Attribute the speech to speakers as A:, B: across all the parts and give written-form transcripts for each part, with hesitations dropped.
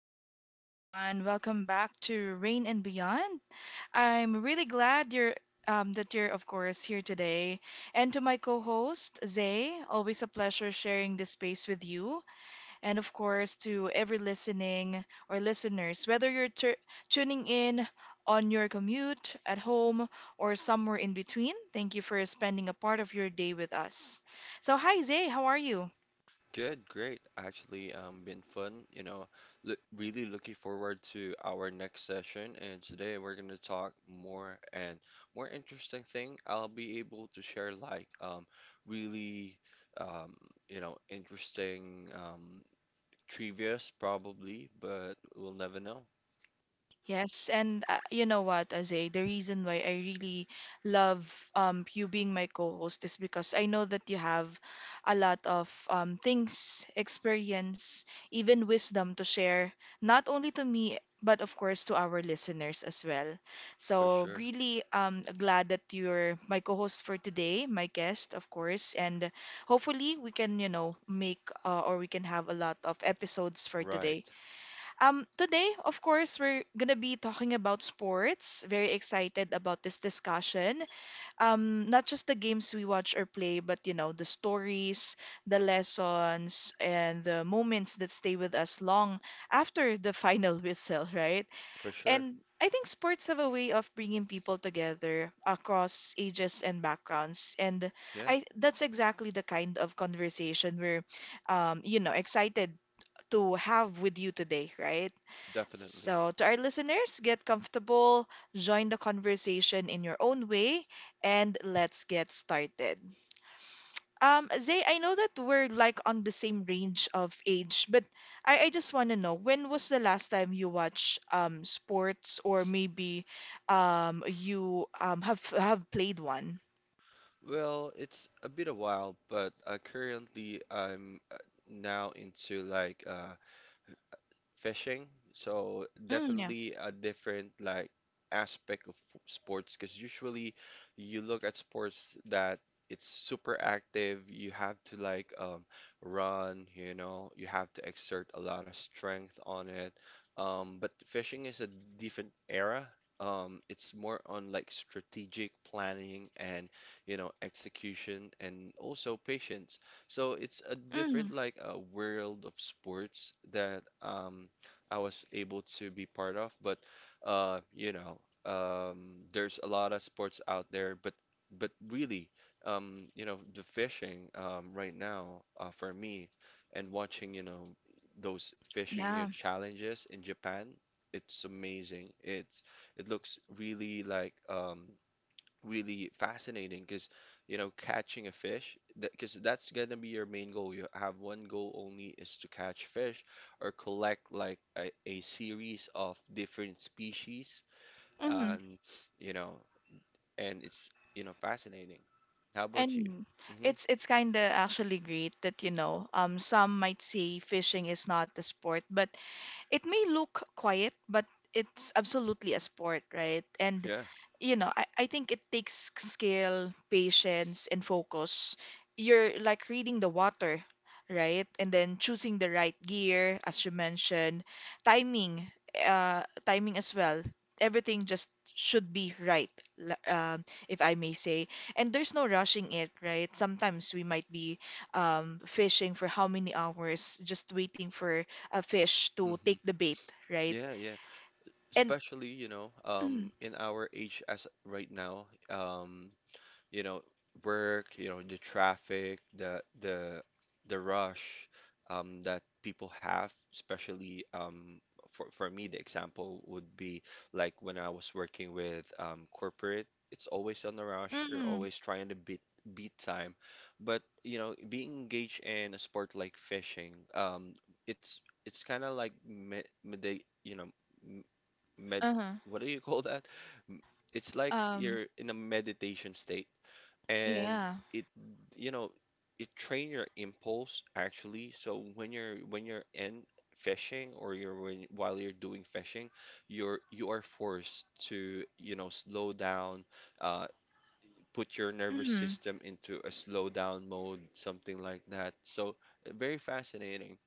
A: morning, everyone. Welcome back to Rain and Beyond. I'm really glad you're that you're, of course, here today. And to my co-host Zay, always a pleasure sharing this space with you. And of course, to every listening or listeners, whether you're tuning in on your commute, at home, or somewhere in between. Thank you for spending a part of your day with us. So, hi Zay, how are you?
B: Good, great. Been fun. You know, lo Really looking forward to our next session. And today we're gonna talk more interesting thing. I'll be able to share like really um interesting trivias probably, but we'll never know
A: Yes, and you know what, Azay, the reason why I really love you being my co-host is because I know that you have a lot of things, experience, even wisdom to share, not only to me, but of course to our listeners as well.
B: for
A: So
B: sure.
A: really glad that you're my co-host for today, my guest, of course, and hopefully we can, you know, make or we can have a lot of episodes for today.
B: Right,
A: Today, of course, we're gonna be talking about sports. Very excited about this discussion. Not just the games we watch or play, but you know, the stories, the lessons, and the moments that stay with us long after the final whistle, right?
B: for sure.
A: And I think sports have a way of bringing people together across ages and backgrounds, and
B: Yeah,
A: I that's exactly the kind of conversation you know, excited to have with you today, right?
B: definitely.
A: So, to our listeners, get comfortable, join the conversation in your own way, and let's get started. Zay, I know that we're like on the same range of age, but I just want to know when was the last time you watched sports, or maybe you have played one?
B: Well, it's a bit a while, but currently I'm now into like fishing. So
A: Mm, yeah.
B: definitely a different like aspect of sports, because usually you look at sports that it's super active. You have to run, you know, you have to exert a lot of strength on it. But fishing is a different era. It's more on like strategic planning and, you know, execution, and also patience. So it's a different
A: Mm,
B: like a world of sports that I was able to be part of. But there's a lot of sports out there, but really, you know, the fishing, right now, for me, and watching, you know, those fishing, you know,
A: yeah.
B: challenges in Japan, it's amazing. It's it looks really really fascinating because, you know, catching a fish, because that's gonna be your main goal. You have one goal only, is to catch fish or collect like a series of different species,
A: Hmm.
B: and, you know, and it's, you know, fascinating. How about you?
A: And
B: Hmm.
A: it's kind of actually great that, you know, some might say fishing is not a sport, but it may look quiet, but it's absolutely a sport, right? And
B: Yeah.
A: you know, I think it takes skill, patience, and focus. You're like reading the water, right? And then choosing the right gear, as you mentioned, timing, timing as well. Everything just should be right, if I may say. And there's no rushing it, right? Sometimes we might be, fishing for how many hours, just waiting for a fish to take
B: Hmm.
A: the bait, right?
B: Yeah, yeah,
A: And
B: especially, you know, um,
A: mm,
B: in our age as right now, um, you know, work, you know, the traffic, the the rush, that people have, especially, for me, the example would be like when I was working with, corporate, it's always on the rush. You're
A: mm,
B: always trying to beat time. But, you know, being engaged in a sport like fishing, it's kind of like med, med, you know, m- med,
A: uh-huh.
B: what do you call that? M- It's like
A: Um,
B: you're in a meditation state, and
A: yeah.
B: it you know, it train your impulse. Actually, so when you're in fishing, or while you're doing fishing, you are forced to, you know, slow down, uh put your nervous
A: Mm,
B: system into a slow down mode, something like that. So, very fascinating.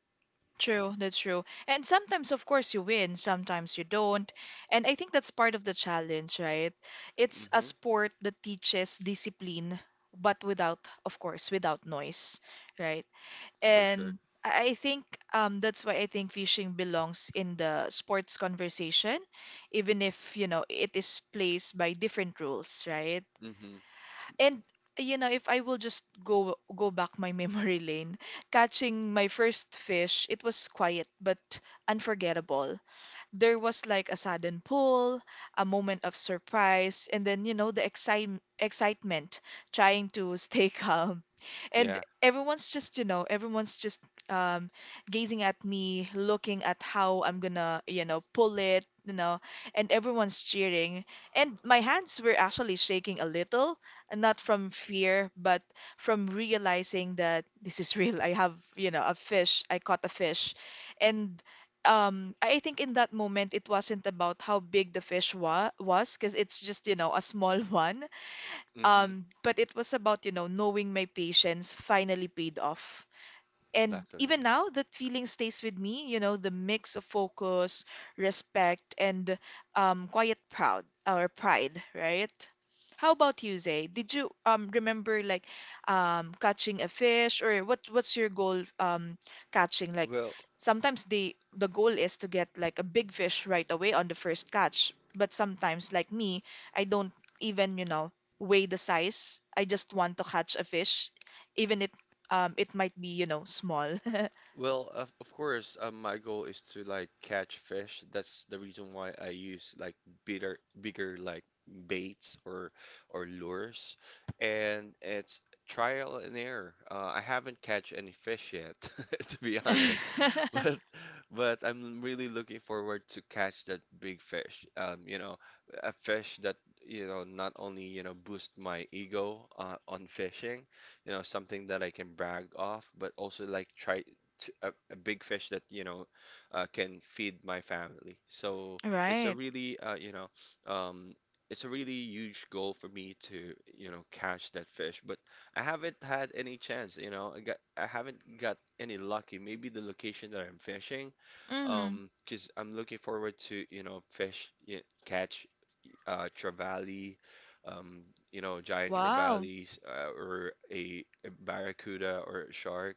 A: true, that's true. And sometimes, of course, you win, sometimes you don't. And I think that's part of the challenge, right? It's a
B: Hmm.
A: sport that teaches discipline, but without, of course, without noise, right?
B: For sure.
A: And I think, that's why I think fishing belongs in the sports conversation, even if, you know, it is placed by different rules, right?
B: Hmm.
A: And you know, if I will just go back my memory lane, catching my first fish, it was quiet but unforgettable. There was like a sudden pull, a moment of surprise, and then, you know, the excitement trying to stay calm. And
B: Yeah.
A: everyone's just, you know, everyone's just um, gazing at me, looking at how I'm gonna, you know, pull it, you know, and everyone's cheering. And my hands were actually shaking a little, and not from fear, but from realizing that this is real. I have, you know, a fish, I caught a fish. And I think in that moment it wasn't about how big the fish wa was, because it's just, you know, a small one,
B: Hmm.
A: but it was about, you know, knowing my patience finally paid off. And even
B: Definitely.
A: now that feeling stays with me, you know, the mix of focus, respect, and quiet proud, or pride, right? How about you, Zay, did you remember like catching a fish, or what what's your goal, catching like, sometimes the goal is to get like a big fish right away on the first catch, but sometimes like me, I don't even, you know, weigh the size. I just want to catch a fish, even if, it might be, you know, small.
B: Well, of course, my goal is to like catch fish. That's the reason why I use like bigger like baits or lures, and it's trial and error. I haven't catch any fish yet, to be honest, but but I'm really looking forward to catch that big fish. You know, a fish that, you know, not only, you know, boost my ego, on fishing, you know, something that I can brag off, but also like a big fish that, you know, can feed my family. So it's a
A: Right.
B: really, you know, um, it's a really huge goal for me to, you know, catch that fish. But I haven't had any chance. You know, I haven't got any lucky. Maybe the location that I'm fishing.
A: Mm.
B: Because I'm looking forward to, you know, catch, uh, trevally. Um, you know, giant
A: Wow.
B: trevallies, or a barracuda or a shark.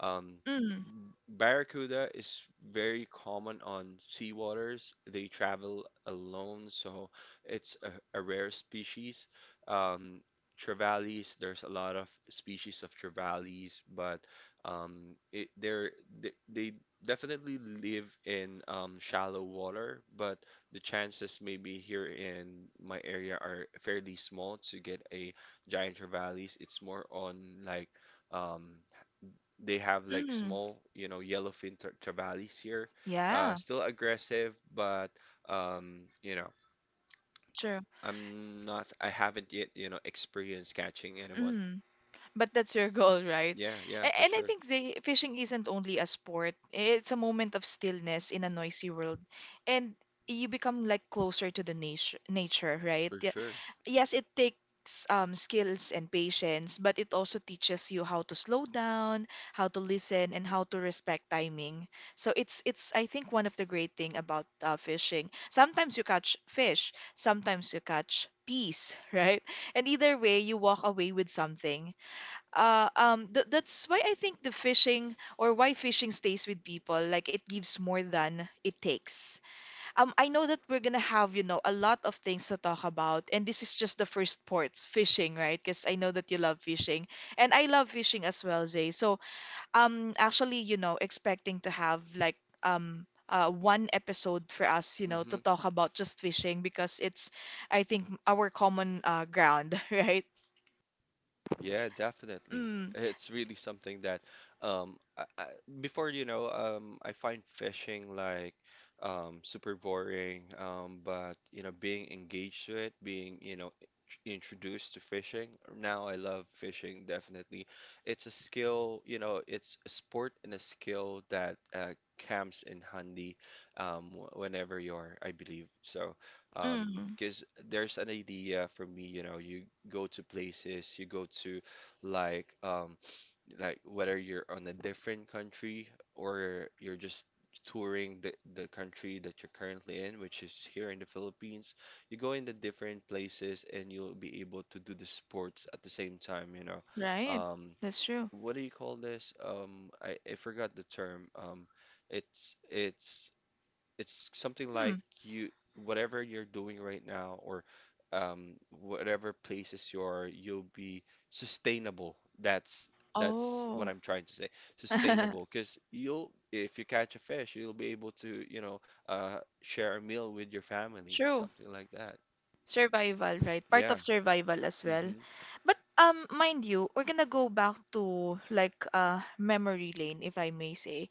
B: Um,
A: Mm.
B: barracuda is very common on seawaters. They travel alone, so it's a rare species. Um, trevallies, there's a lot of species of trevallies, but they're, they definitely live in, shallow water, but the chances maybe here in my area are fairly small to get a giant trevallies. It's more on like um, they have like
A: Mm.
B: small, you know, yellowfin travalis here.
A: Yeah.
B: Still aggressive, but you know,
A: True.
B: I haven't yet, you know, experienced catching anyone.
A: Mm. But that's your goal, right?
B: Yeah, yeah, for
A: And I
B: sure,
A: think the fishing isn't only a sport. It's a moment of stillness in a noisy world. And you become like closer to the nature, right?
B: for
A: Yeah.
B: sure.
A: Yes, it takes skills and patience, but it also teaches you how to slow down, how to listen, and how to respect timing. So it's I think one of the great thing about fishing. Sometimes you catch fish, sometimes you catch peace, right? And either way, you walk away with something. Th That's why I think the fishing, or why fishing stays with people. Like, it gives more than it takes. I know that we're gonna have, you know, a lot of things to talk about, and this is just the first ports, fishing, right? Because I know that you love fishing, and I love fishing as well, Zay. So, actually, you know, expecting to have like one episode for us, you know, to
B: Hmm.
A: talk about just fishing because it's, I think, our common ground, right?
B: Yeah, definitely.
A: Mm,
B: It's really something that, um, I, before, you know, I find fishing like, super boring. But you know, being engaged to it, being, you know, introduced to fishing. Now I love fishing. Definitely, it's a skill. You know, it's a sport and a skill that, comes in handy, whenever you're, I believe. So, um,
A: mm.
B: because there's an idea for me. You know, you go to like um like whether you're on a different country or you're just touring the country that you're currently in, which is here in the Philippines, you go in the different places and you'll be able to do the sports at the same time, you know.
A: Right.
B: Um,
A: That's true.
B: what do you call this? I forgot the term. It's it's something
A: Hmm.
B: like you whatever you're doing right now, or whatever places you are, you'll be sustainable. That's what
A: Oh.
B: I'm trying to say. Sustainable, because you'll, if you catch a fish, you'll be able to, you know, share a meal with your family,
A: True.
B: something like that.
A: Survival, right? Part
B: Yeah.
A: of survival as well.
B: Mm-hmm,
A: But mind you, we're gonna go back to like memory lane, if I may say.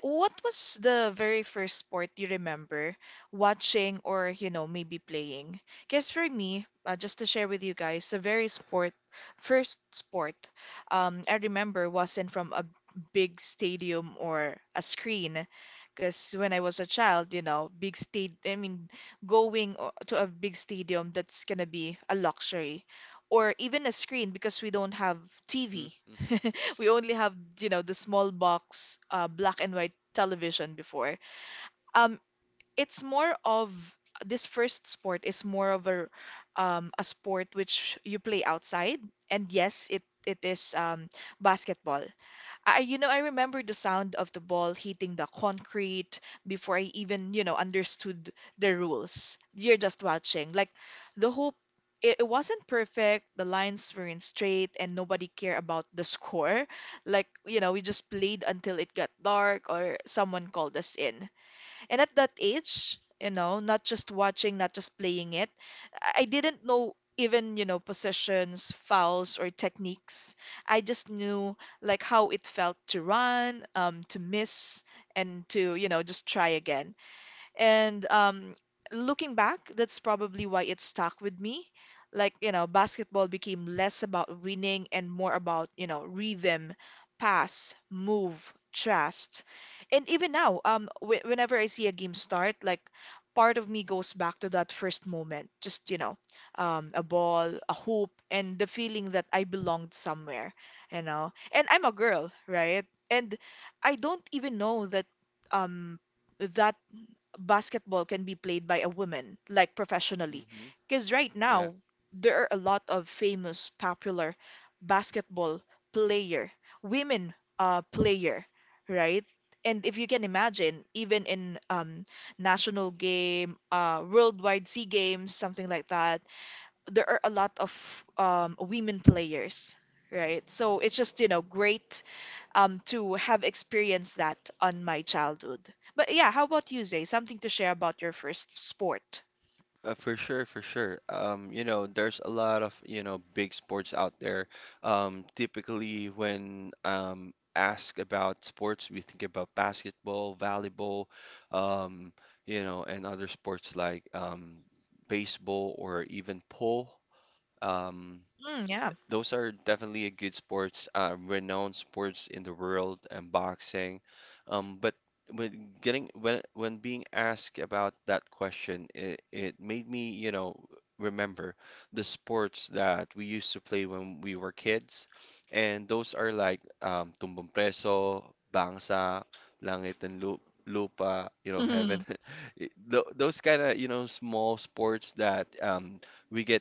A: What was the very first sport you remember watching, or, you know, maybe playing? Because for me, just to share with you guys, the very sport, first sport, I remember wasn't from a big stadium or a screen. Because when I was a child, you know, big state, I mean, going to a big stadium, that's gonna be a luxury. Or even a screen because we don't have TV.
B: mm-hmm,
A: We only have, you know, the small box black and white television before. Um, it's more of this first sport is more of a sport which you play outside. And yes, it is basketball. I, you know, I remember the sound of the ball hitting the concrete before I even, you know, understood the rules. You're just watching. Like the hoop, it wasn't perfect. The lines weren't straight, and nobody cared about the score. Like, you know, we just played until it got dark or someone called us in. And at that age, you know, not just watching, not just playing it, I didn't know even, you know, positions, fouls, or techniques. I just knew like how it felt to run, to miss, and to, you know, just try again. And looking back, that's probably why it stuck with me. Like, you know, basketball became less about winning and more about, you know, rhythm, pass, move, trust. And even now, w whenever I see a game start, like part of me goes back to that first moment. Just, you know, a ball, a hoop, and the feeling that I belonged somewhere, you know. And I'm a girl, right? And I don't even know that um that basketball can be played by a woman, like professionally.
B: mm-hmm.
A: Because right
B: Yeah.
A: now, there are a lot of famous, popular basketball player, women player, right? And if you can imagine, even in national game, worldwide SEA Games, something like that, there are a lot of women players, right? So it's just, you know, great to have experienced that on my childhood. But yeah, how about you, Zay? Something to share about your first sport?
B: For sure, for sure. You know, there's a lot of, you know, big sports out there. Typically, when, asked about sports, we think about basketball, volleyball, um, you know, and other sports like, baseball or even pool. Um,
A: Mm, yeah.
B: those are definitely a good sports, renowned sports in the world, and boxing. But when getting when being asked about that question, it made me, you know, remember the sports that we used to play when we were kids, and those are like, tumbang preso, bangsa, langit and lu lupa, you know, heaven. Th- Those kind of, you know, small sports that, we get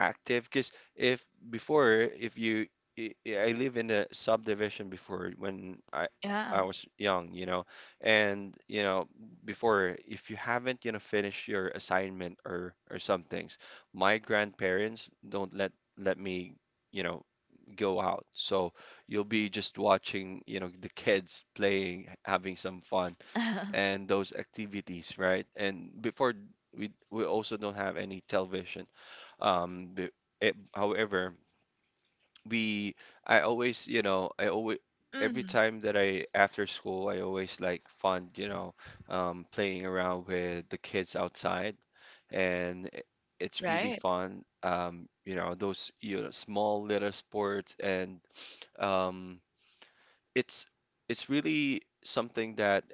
B: active. If before, if you, I live in a subdivision before when
A: Yeah.
B: I was young, you know, and you know, before, if you haven't, you know, finished your assignment or some things, my grandparents don't let me, you know, go out. So you'll be just watching, you know, the kids playing, having some fun, and those activities, right? And before, we also don't have any television. Um, b- it, however, we I always, you know, I always every
A: Mm,
B: time that I after school, I always like fun, you know, playing around with the kids outside, and it's really
A: right.
B: fun. You know, those, you know, small little sports, and um, it's it's really something that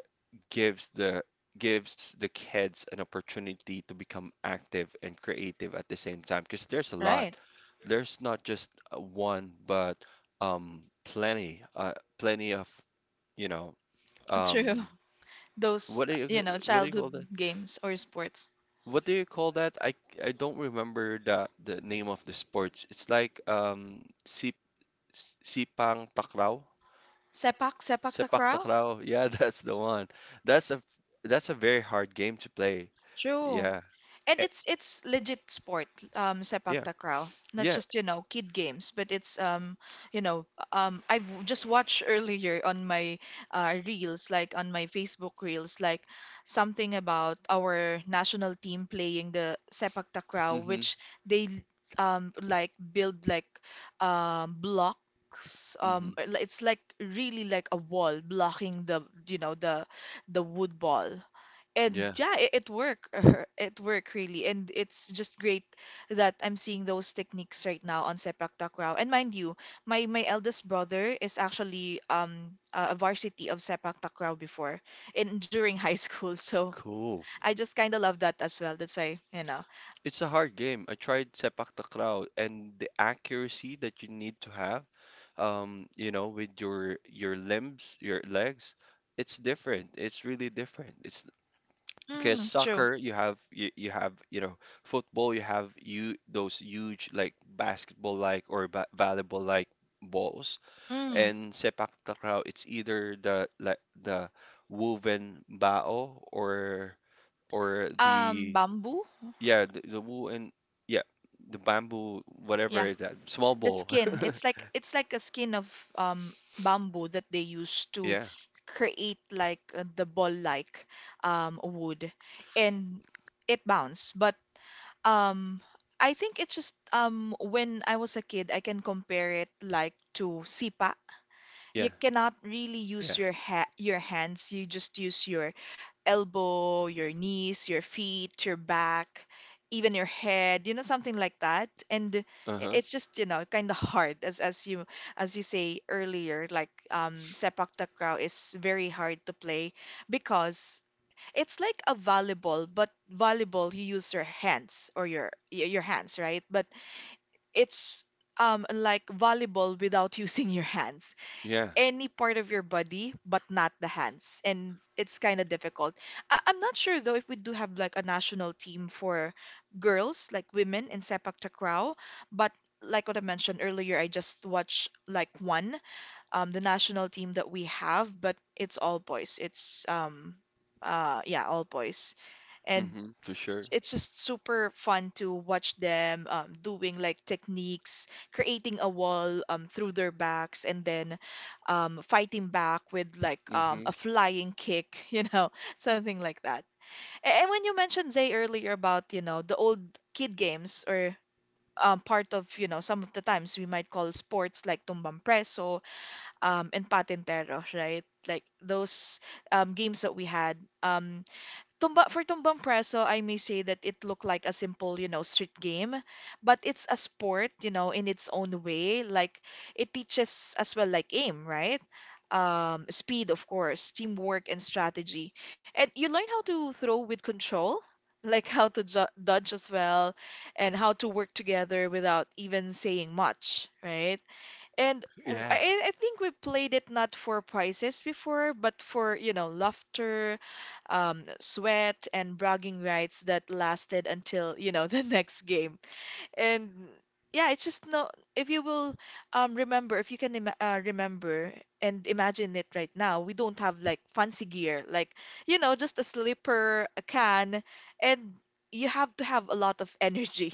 B: gives the gives the kids an opportunity to become active and creative at the same time, because there's a lot.
A: Right.
B: There's not just, one, but um, plenty, plenty of, you know,
A: True.
B: um,
A: Those,
B: what do you
A: you know,
B: what do you
A: childhood
B: call that,
A: games or sports.
B: what do you call that I I don't remember the name of the sports. It's like, um, Sipang Takraw?
A: Sepak, sepak
B: Sepak
A: takraw.
B: Takraw. Yeah, that's the one. That's a that's a very hard game to play.
A: True.
B: Yeah.
A: And
B: Eh,
A: it's legit sport, sepak
B: yeah.
A: takraw. Not
B: Yeah.
A: just, you know, kid games, but it's, you know, I've just watched earlier on my reels, like on my Facebook reels, like something about our national team playing the sepak takraw,
B: Mhm.
A: which they like build like blocks.
B: Mhm.
A: It's like really like a wall blocking the, you know, the wood ball. And
B: Yeah.
A: yeah, it worked, it worked really, and it's just great that I'm seeing those techniques right now on sepak takraw. And mind you, my eldest brother is actually a varsity of sepak takraw before, in during high school. So
B: Cool.
A: I just kind of love that as well, that's why, you know,
B: It's a hard game. I tried Sepak Takraw, and the accuracy that you need to have, you know, with your limbs, your legs, it's different. It's really different. It's. Because
A: mm, true,
B: soccer, you have, you know, football, you have, you those huge like basketball like or ba volleyball like balls,
A: mm,
B: and sepak takraw, it's either the like the woven bao or the,
A: bamboo.
B: yeah, the woven, yeah, the bamboo,
A: Yeah.
B: that small
A: The
B: ball.
A: skin, it's like a skin of bamboo that they use to
B: Yeah.
A: create like the ball-like wood, and it bounce. But um I think it's just when I was a kid I can compare it like to sipa.
B: Yeah.
A: You cannot really use
B: Yeah.
A: your ha your hands. You just use your elbow, your knees, your feet, your back, even your head, you know, something like that. And i-
B: Uh-huh.
A: it's just, you know, kind of hard as you say earlier, like sepak takraw is very hard to play because it's like a volleyball, but volleyball you use your hands or your hands, right? But it's like volleyball without using your hands,
B: Yeah.
A: any part of your body but not the hands, and it's kind of difficult. I'm not sure though if we do have like a national team for girls, like women in sepak takraw, but like what I mentioned earlier, I just watched like one the national team that we have, but it's all boys. It's yeah, all boys. And
B: Mm-hmm, for sure.
A: it's just super fun to watch them doing like techniques, creating a wall through their backs, and then fighting back with like
B: Mm-hmm.
A: a flying kick, you know, something like that. And when you mentioned Zay earlier about, you know, the old kid games, or part of, you know, some of the times we might call sports like tumbang preso and patintero, right? Like those games that we had. Um, Tumba for Tumbang Preso, I may say that it looked like a simple, you know, street game, but it's a sport, you know, in its own way. Like it teaches as well like aim, right? Speed, of course, teamwork and strategy. And you learn how to throw with control, like how to ju dodge as well, and how to work together without even saying much, right? And w- I,
B: Yeah.
A: I I think we played it not for prizes before, but for, you know, laughter, sweat, and bragging rights that lasted until, you know, the next game. And yeah, it's just no, if you will remember, if you can ima remember and imagine it right now, we don't have like fancy gear, like, you know, just a slipper, a can, and you have to have a lot of energy.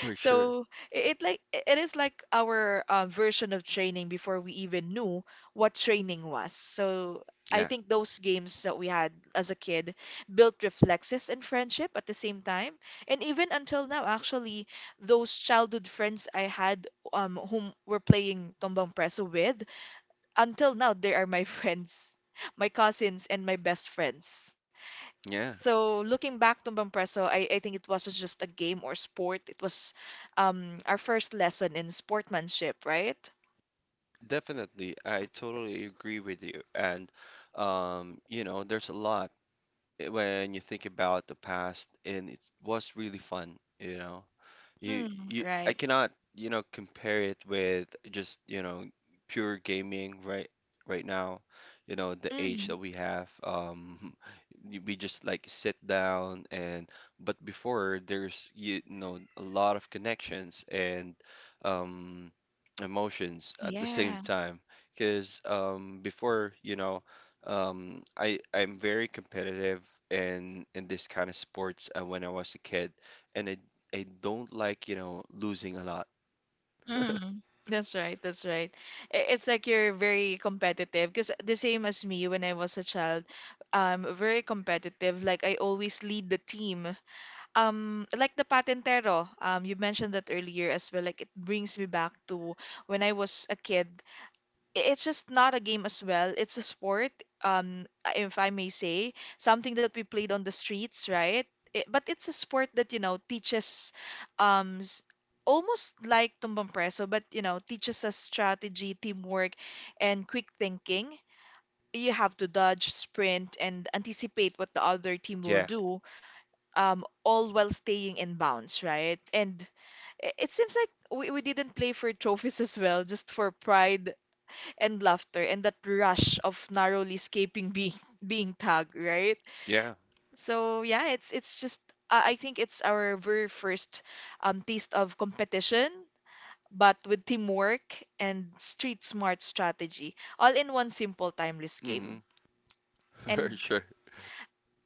B: For sure.
A: So it it is like our version of training before we even knew what training was. So I
B: Yeah.
A: think those games that we had as a kid built reflexes and friendship at the same time. And even until now, actually, those childhood friends I had whom were playing Tombang Preso with, until now they are my friends, my cousins and my best friends.
B: Yeah.
A: So looking back, Tumbang Preso, I think it wasn't just a game or sport. It was our first lesson in sportsmanship, right?
B: Definitely, I totally agree with you. And you know, there's a lot. When you think about the past, and it was really fun, you know.
A: Mm,
B: You I
A: right.
B: cannot, you know, compare it with just, you know, pure gaming right now. You know, the age that
A: Mm,
B: we have, we just like sit down, and but before there's, you know, a lot of connections and um, emotions at the same
A: yeah.
B: time. 'Cause um, before, you know, um, I'm very competitive in this kind of sports, when I was a kid, and I don't like, you know, losing a lot.
A: Mm, that's right. That's right. It's like you're very competitive, because the same as me, when I was a child, very competitive. Like I always lead the team. Like the patentero. You mentioned that earlier as well. Like it brings me back to when I was a kid. It's just not a game as well. It's a sport, um, if I may say, something that we played on the streets, right? But it's a sport that, you know, teaches um s- almost like tumbang preso, but you know, teaches us strategy, teamwork, and quick thinking. You have to dodge, sprint, and anticipate what the other team will
B: Yeah,
A: do, all while staying in bounds, right? And it seems like we didn't play for trophies as well, just for pride and laughter and that rush of narrowly escaping being tagged, right?
B: yeah.
A: So yeah, it's just I think it's our very first taste of competition, but with teamwork and street smart strategy, all in one simple timeless
B: Hmm.
A: game.
B: For
A: And
B: sure.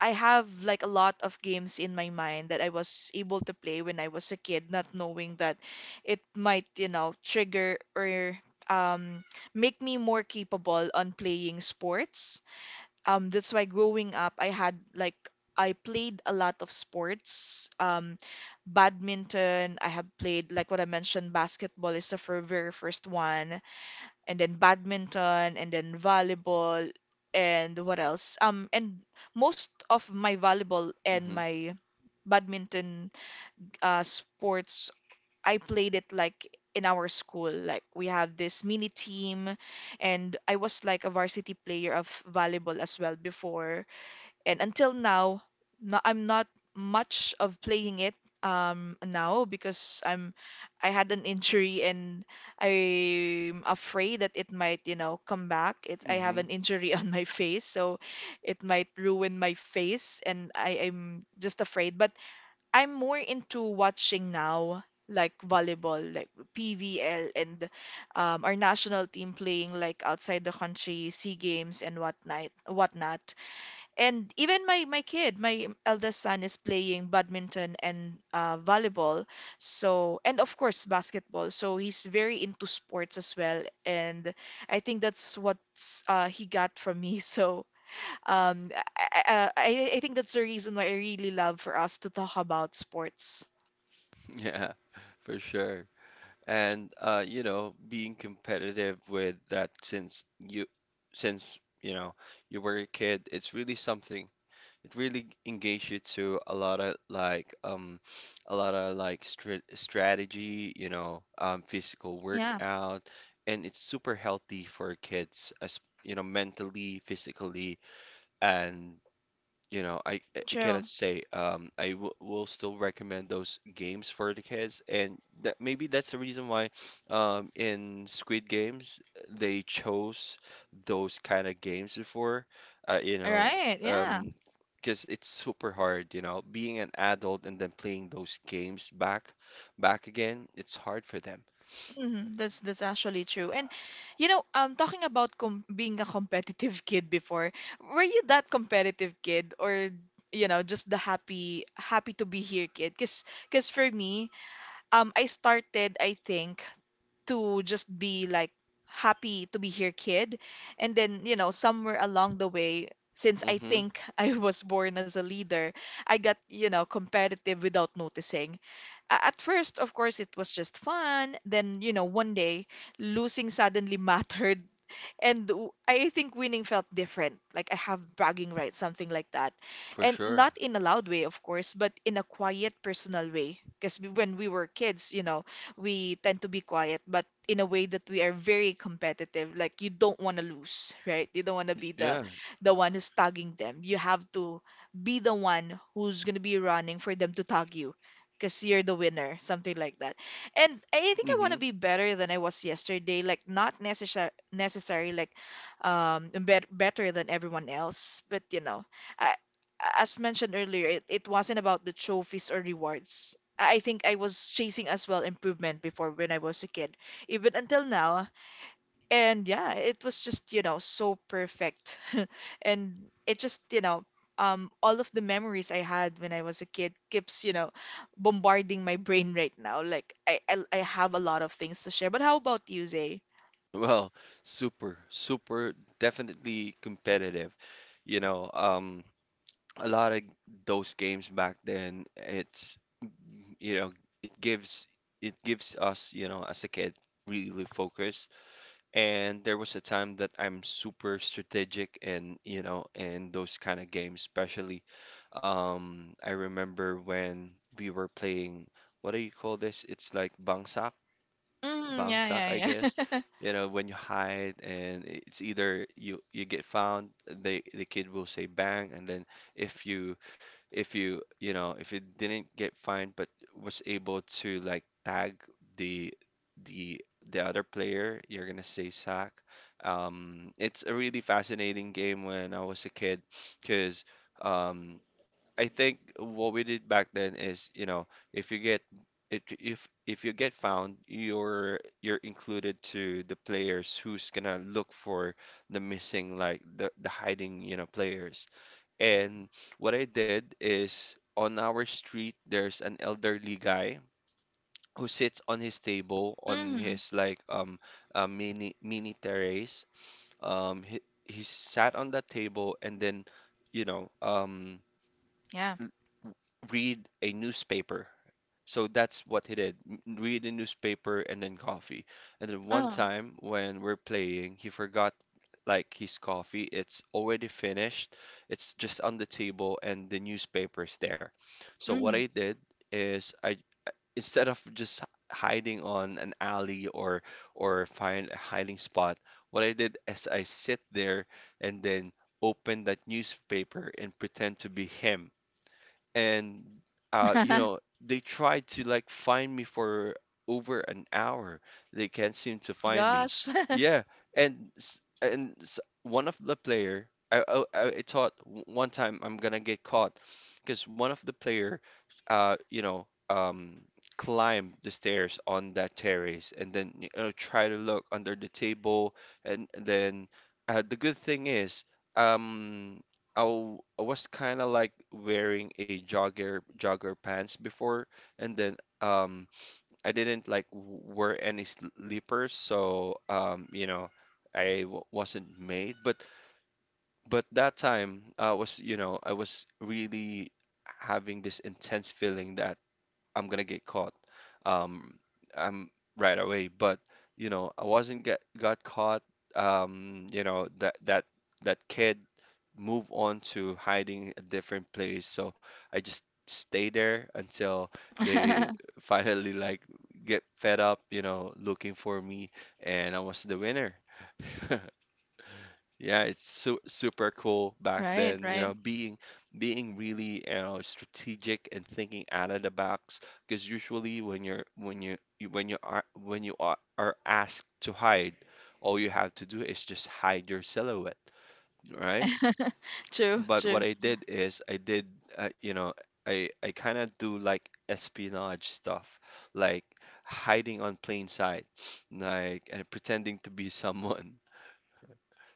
A: I have like a lot of games in my mind that I was able to play when I was a kid, not knowing that it might, you know, trigger or um, make me more capable on playing sports. That's why growing up I had like I played a lot of sports. Badminton I have played, like what I mentioned, basketball is the very first one, and then badminton and then volleyball, and what else. And most of my volleyball and
B: Hmm.
A: my badminton sports, I played it like in our school. Like we have this mini team, and I was like a varsity player of volleyball as well before. And until now, no, I'm not much of playing it now, because I had an injury, and I'm afraid that it might, you know, come back. It I have
B: Hmm.
A: an injury on my face, so it might ruin my face, and I'm just afraid. But I'm more into watching now, like volleyball, like PVL and our national team playing like outside the country, SEA Games, and whatnot, whatnot. And even my kid, my eldest son, is playing badminton and volleyball. So, and of course basketball. So he's very into sports as well. And I think that's what he got from me. So um, I think that's the reason why I really love for us to talk about sports.
B: Yeah, for sure. And you know, being competitive with that since, you know, you were a kid, it's really something. It really engaged you to a lot of like, um, a lot of like, strategy, you know, um, physical
A: Yeah,
B: workout, and it's super healthy for kids as you know, mentally, physically, and you know, I
A: true.
B: cannot say, um, I w will still recommend those games for the kids. And that maybe that's the reason why, um, in Squid Games, they chose those kind of games before, you
A: All
B: know,
A: right. Yeah.
B: um, because it's super hard, you know, being an adult and then playing those games back again. It's hard for them.
A: Mhm. That's actually true. And you know, talking about com being a competitive kid before, were you that competitive kid, or you know, just the happy happy to be here kid? 'Cause for me, I started, I think, to just be like happy to be here kid, and then, you know, somewhere along the way, since I
B: Mm-hmm,
A: think I was born as a leader, I got, you know, competitive without noticing. At first, of course, it was just fun. Then, you know, one day, losing suddenly mattered, and I think winning felt different. Like I have bragging rights, something like that.
B: for
A: And
B: sure.
A: not in a loud way, of course, but in a quiet, personal way. Because when we were kids, you know, we tend to be quiet, but in a way that we are very competitive. Like you don't want to lose, right? You don't want to be the
B: Yeah.
A: the one who's tagging them. You have to be the one who's gonna be running for them to tag you, because you're the winner, something like that. And I think I want to
B: Mm-hmm.
A: be better than I was yesterday. Like not necessary like better than everyone else, but you know, I, as mentioned earlier, it wasn't about the trophies or rewards. I think I was chasing as well improvement before when I was a kid. Even until now, and yeah, it was just, you know, so perfect. And it just, you know, all of the memories I had when I was a kid keeps, you know, bombarding my brain right now. Like I have a lot of things to share. But how about you, Zay?
B: Well, super, definitely competitive. You know, um, a lot of those games back then, you know, it gives it gives us, as a kid, really focus. And there was a time that I'm super strategic and, in those kind of games, especially. I remember when we were playing, what do you call this? It's like bangsa
A: Mm, yeah,
B: bangsak, I
A: yeah,
B: guess.
A: yeah.
B: You know, when you hide and it's either you get found, the kid will say bang, and then if you if you you know if you didn't get fined but was able to like tag the the the other player, you're gonna say sack. It's a really fascinating game when I was a kid, because um, I think what we did back then is, if you get if you get found, you're included to the players who's gonna look for the missing, like the hiding, players. And what I did is, on our street there's an elderly guy who sits on his table, on his like mini terrace. He sat on that table and then, you know um
A: Yeah.
B: read a newspaper. So that's what he did. Read a newspaper and then coffee. And then one
A: Oh,
B: time when we're playing, he forgot like his coffee. It's already finished. It's just on the table and the newspaper's there. So what I
A: mm.
B: did is, I, instead of just hiding on an alley or find a hiding spot, what I did is I sit there and then open that newspaper and pretend to be him, and uh, you know they tried to like find me for over an hour, they can't seem to find me.
A: Gosh.
B: Yeah. And one of the player, I thought one time I'm gonna get caught, because one of the player, uh, you know, um, climb the stairs on that terrace and then, you know, try to look under the table. And then, the good thing is, um, I, I was kind of like wearing a jogger pants before, and then I didn't like wear any sleepers, so, you know, I w wasn't made. But that time I was, you know, I was really having this intense feeling that I'm gonna get caught. Um, I'm right away, but you know, I wasn't get got caught. You know, that kid move on to hiding a different place. So I just stay there until they finally like get fed up, you know, looking for me, and I was the winner. Yeah, it's su super cool back
A: Right,
B: then, you
A: right.
B: know, being really, you know, strategic and thinking out of the box. Because usually when you're when you are asked to hide, all you have to do is just hide your silhouette, right?
A: True,
B: But what
A: true.
B: I did is, you know, I kind of do like espionage stuff, like hiding on plain sight, like, and pretending to be someone.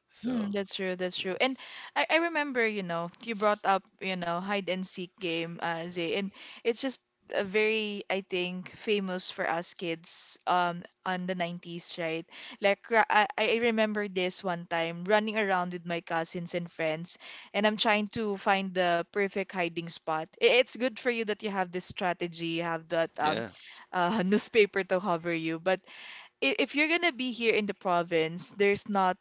B: So.
A: Mm, that's true, that's true. And I remember, you know, you brought up, you know, hide and seek game, Zay, and it's just a very, I think, famous for us kids on the 90s, right? Like I remember this one time running around with my cousins and friends, and I'm trying to find the perfect hiding spot. It's good for you that you have this strategy, you have that
B: Yeah.
A: newspaper to cover you, but if you're gonna be here in the province, there's not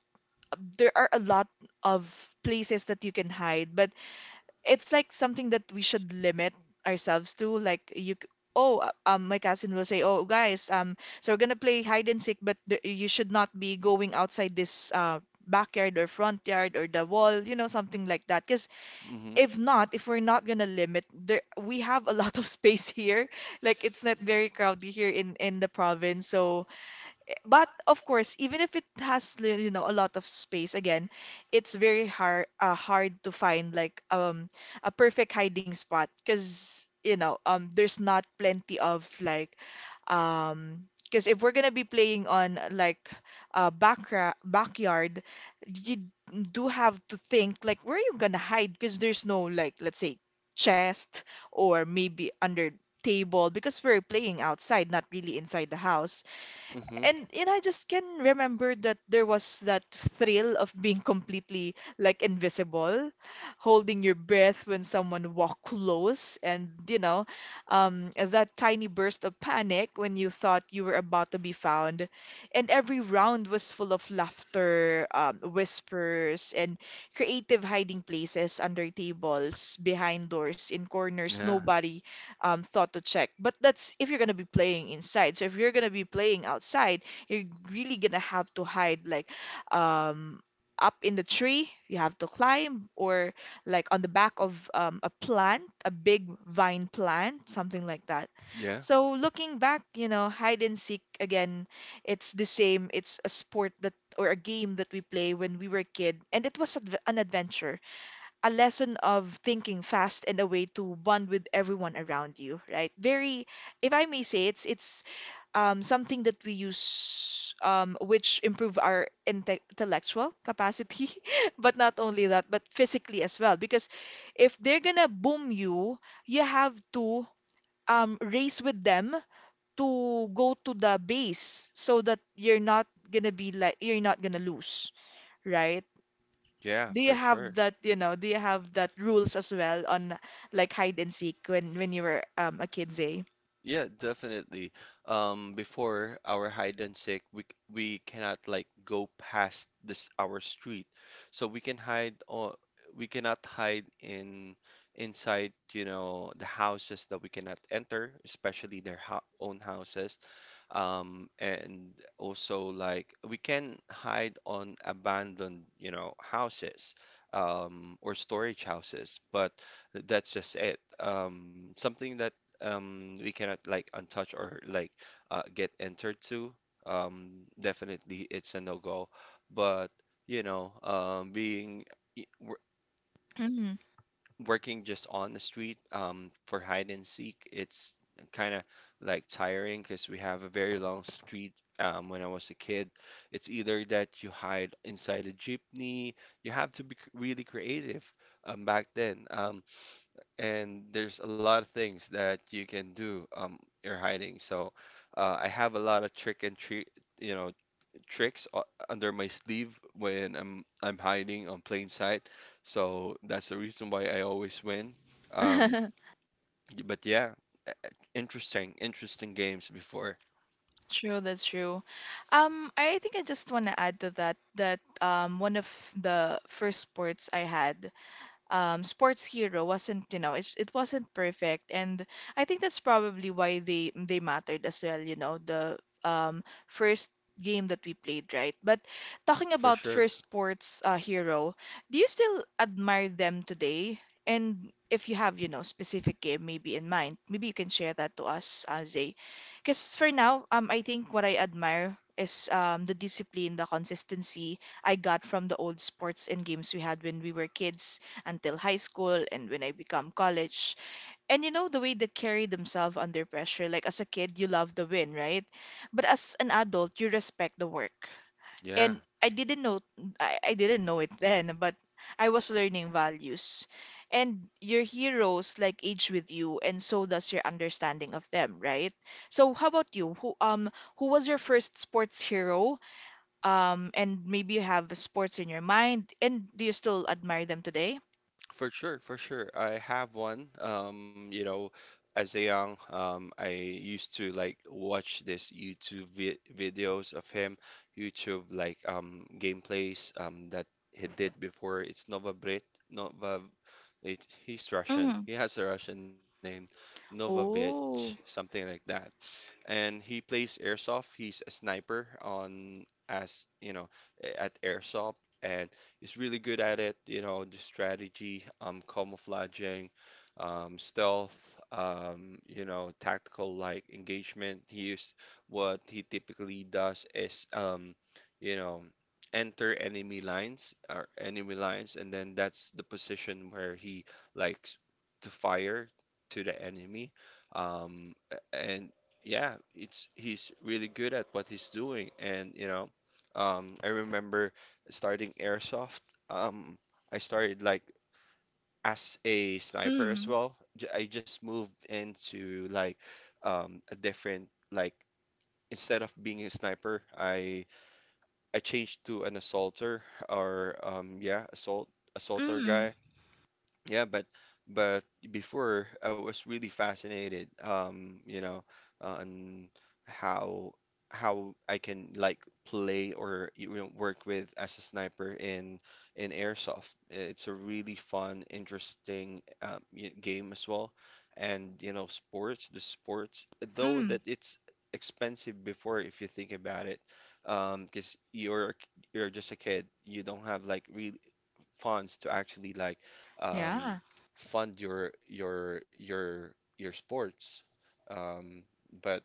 A: there are a lot of places that you can hide, but it's like something that we should limit ourselves to. Like you, my cousin will say, oh, guys, so we're gonna play hide and seek, but you should not be going outside this backyard or front yard or the wall, you know, something like that. Because
B: Hmm.
A: if not, if we're not gonna limit, there we have a lot of space here. Like it's not very crowded here in the province, so but of course, even if it has you know a lot of space, again, it's very hard hard to find like a perfect hiding spot because you know there's not plenty of like because if we're gonna be playing on like backra backyard, you do have to think like where are you gonna hide because there's no, like, let's say chest or maybe under table because we're playing outside, not really inside the house.
B: Hmm.
A: And I just can remember that there was that thrill of being completely like invisible, holding your breath when someone walked close, and that tiny burst of panic when you thought you were about to be found, and every round was full of laughter, whispers, and creative hiding places under tables, behind doors, in corners
B: Yeah.
A: nobody thought to check. But that's if you're gonna be playing inside. So if you're gonna be playing outside, you're really gonna have to hide like um, up in the tree. You have to climb or like on the back of a plant, a big vine plant, something like that.
B: Yeah.
A: So looking back, you know, hide and seek again, it's the same. It's a sport that or a game that we play when we were kid, and it was adv an adventure, a lesson of thinking fast and a way to bond with everyone around you, right? Very, if I may say, it's something that we use which improve our intellectual capacity, but not only that, but physically as well. Because if they're gonna boom you, you have to race with them to go to the base so that you're not gonna be like you're not gonna lose, right?
B: Yeah,
A: Do you
B: for
A: have
B: sure.
A: that, you know, do you have that rules as well on like hide and seek when you were a kid, Zay?
B: Yeah, definitely. Before our hide and seek, we we cannot like go past this our street. So we can hide, or we cannot hide in inside, you know, the houses that we cannot enter, especially their ho own houses. And also, like, we can hide on abandoned, you know, houses, or storage houses, but that's just it. Something that we cannot like untouch or like get entered to. Definitely, it's a no-go. But you know, being i- w-
A: Mm.
B: working just on the street, for hide and seek, it's kind of like tiring because we have a very long street. When I was a kid, it's either that you hide inside a jeepney. You have to be really creative, back then. And there's a lot of things that you can do, you're hiding. So, I have a lot of trick and treat, you know, tricks under my sleeve when I'm hiding on plain sight. So that's the reason why I always win. Um, but yeah, e- e- interesting, interesting games before
A: True, that's true. I think I just want to add to that that one of the first sports I had. Sports Hero wasn't, you know, it wasn't perfect, and I think that's probably why they mattered as well. You know, the first game that we played, right? But talking
B: for
A: about
B: sure.
A: first Sports Hero, do you still admire them today? And if you have, you know, specific game maybe in mind, maybe you can share that to us, Zay. Because for now, I think what I admire is the discipline, the consistency I got from the old sports and games we had when we were kids until high school and when I become college. And you know the way they carry themselves under pressure. Like as a kid, you love the win, right? But as an adult, you respect the work.
B: Yeah,
A: And I didn't know I didn't know it then, but I was learning values. And your heroes like age with you, and so does your understanding of them, right? So how about you? Who was your first sports hero? And maybe you have sports in your mind, and do you still admire them today?
B: for sure, for sure. I have one. You know, as a young, I used to like watch this YouTube vi videos of him, YouTube like gameplays that he did before. It's Nova Brit, Nova, he's Russian. He has a Russian name, Novovich,
A: Oh.
B: something like that. And he plays airsoft. He's a sniper on, as you know, at airsoft, and he's really good at it. You know, the strategy, camouflaging, stealth, you know, tactical like engagement. He used What he typically does is, you know, enter enemy lines or enemy lines, and then that's the position where he like s- to fire to the enemy. And yeah, it's, he's really good at what he's doing. And you know, I remember starting airsoft. Um, I started like as a sniper as
A: Mm.
B: well. I just moved into like a different like, instead of being a sniper, I changed to an assaulter, or yeah, assaulter
A: Mm.
B: guy. Yeah, but before I was really fascinated, you know, on how how I can like play, or you know, work with as a sniper in airsoft. It's a really fun, interesting game as well, and you know, sports, the sports, though
A: Mm.
B: that it's expensive before, if you think about it, because you're you're just a kid, you don't have like really funds to actually like um,
A: Yeah.
B: fund your your sports. Um, but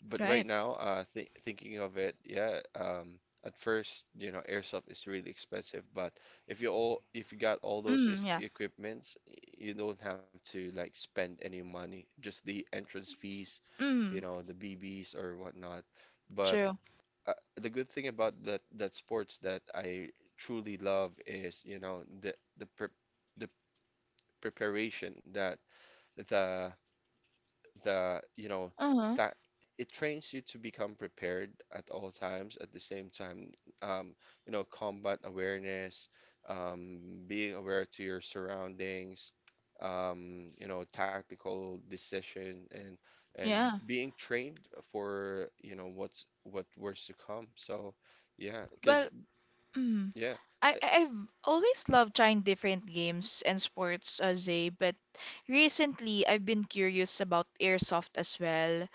B: but right
A: Right.
B: now, th thinking of it, yeah. At first, you know, airsoft is really expensive, but if you all, if you got all those
A: Mm.
B: is
A: Yeah.
B: equipments, you don't have to like spend any money. Just the entrance fees, you
A: Mm.
B: know, the BBs or whatnot. But
A: True.
B: the good thing about that sports that I truly love is, you know, the pre the preparation that the the you know,
A: Uh-huh.
B: that it trains you to become prepared at all times. At the same time, um, you know, combat awareness, um, being aware to your surroundings, you know, tactical decision, and
A: Yeah.
B: being trained for, you know, what's what worse to come. So yeah, because
A: Well, mm.
B: yeah.
A: I've always loved trying different games and sports as a, but recently I've been curious about airsoft as well.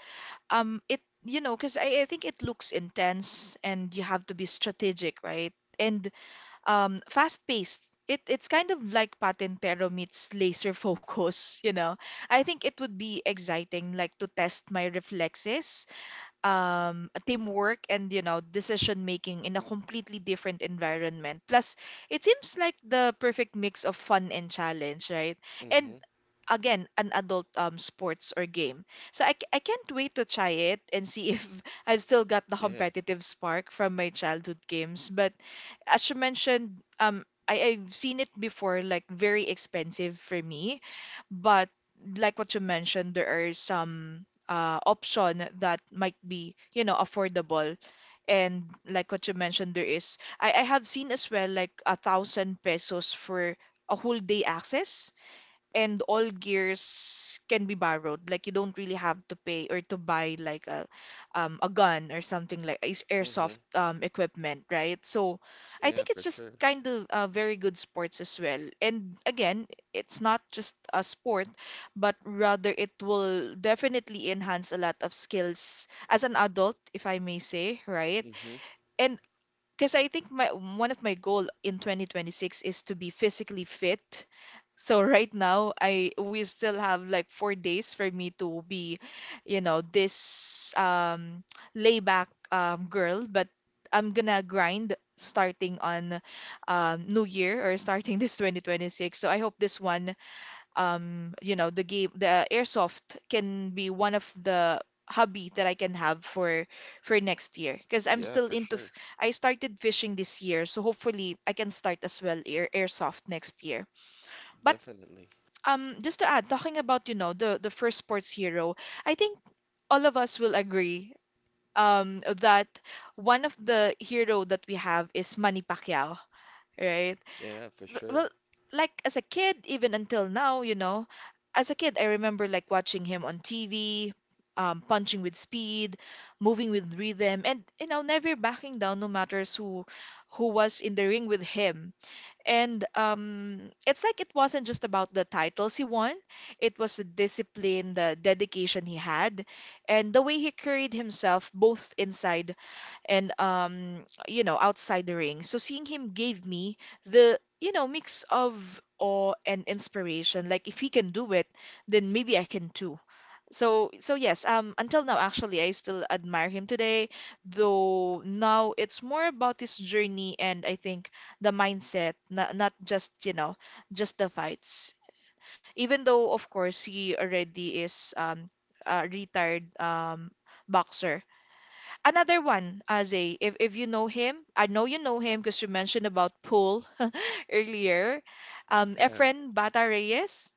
A: It you know, 'cause I think it looks intense and you have to be strategic, right? And fast paced. It's kind of like Patintero meets laser focus, you know. I think it would be exciting like to test my reflexes, teamwork and you know, decision making in a completely different environment. Plus, it seems like the perfect mix of fun and challenge, right? And
B: Mm-hmm,
A: again, an adult sports or game. So I can't wait to try it and see if I've still got the
B: yeah.
A: competitive spark from my childhood games. But as you mentioned, I've seen it before, like very expensive for me, but like what you mentioned, there are some option that might be, you know, affordable. And like what you mentioned, I have seen as well like a thousand pesos for a whole day access and all gears can be borrowed. Like you don't really have to pay or to buy like a gun or something like is
B: Mm-hmm,
A: airsoft equipment, right? So I
B: yeah,
A: think
B: for
A: it's just
B: sure.
A: kind of very good sports as well. And again, it's not just a sport, but rather it will definitely enhance a lot of skills as an adult, if I may say, right?
B: Mm-hmm,
A: And because I think my one of my goal in 2026 is to be physically fit, so right now, I we still have like 4 days for me to be, you know, this layback girl, but I'm gonna grind starting on New Year or starting this 2026. So I hope this one you know, the game the airsoft can be one of the hobby that I can have for next year because I'm
B: yeah,
A: still
B: for
A: into
B: sure,
A: I started fishing this year, so hopefully I can start as well airsoft next year. But
B: definitely.
A: just to add talking about you know the first sports hero, I think all of us will agree that one of the hero that we have is Manny Pacquiao, right?
B: Yeah, for sure.
A: Well, like as a kid, even until now, you know, as a kid I remember like watching him on TV, punching with speed, moving with rhythm, and you know, never backing down, no matters who was in the ring with him. And it's like it wasn't just about the titles he won, it was the discipline, the dedication he had, and the way he carried himself both inside and you know outside the ring. So seeing him gave me the you know mix of awe and inspiration, like if he can do it, then maybe I can too. So so yes, until now actually I still admire him today, though now it's more about his journey, and I think the mindset, not just, you know, just the fights. Even though, of course, he already is a retired boxer. Another one, Aze, if you know him, I know you know him because you mentioned about Pool earlier.
B: Yeah.
A: Efren Bata Reyes,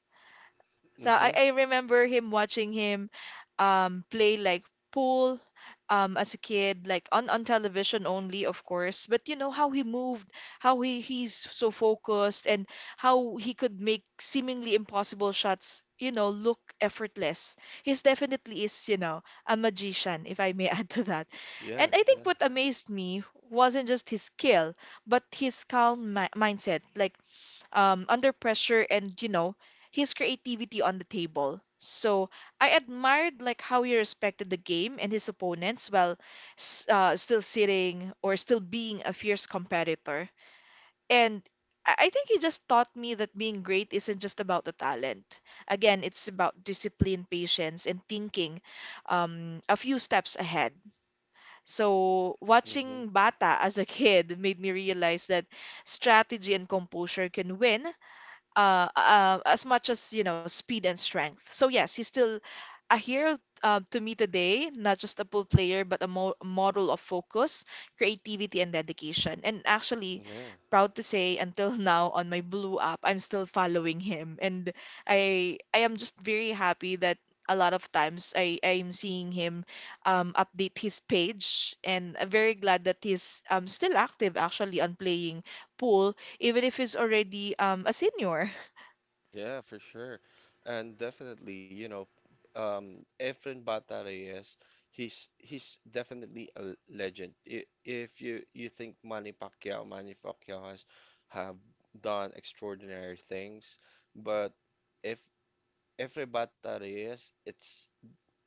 A: so
B: Mm-hmm.
A: I remember him watching him play like pool as a kid, like on television only, of course. But you know how he moved, he's so focused, and how he could make seemingly impossible shots, you know, look effortless. He's definitely is, you know, a magician, if I may add to that.
B: Yeah,
A: And I think
B: yeah.
A: what amazed me wasn't just his skill, but his calm mi mindset. Like under pressure and, you know, his creativity on the table. So I admired like how he respected the game and his opponents while still sitting or still being a fierce competitor. And I think he just taught me that being great isn't just about the talent. Again, it's about discipline, patience, and thinking a few steps ahead. So,
B: Mm-hmm.
A: watching Bata as a kid made me realize that strategy and composure can win as much as you know speed and strength. So yes, he's still a hero to me today, not just a pool player, but a mo model of focus, creativity, and dedication. And actually,
B: Yeah,
A: proud to say, until now on my Blue app, I'm still following him, and I am just very happy that. A lot of times I'm seeing him update his page, and I'm very glad that he's still active actually on playing pool, even if he's already a senior.
B: yeah, for sure. And definitely, you know, Efren Bata Reyes, he's definitely a legend. If you you think Manny Pacquiao, Manny Pacquiao has have done extraordinary things, but if Efren Bata Reyes,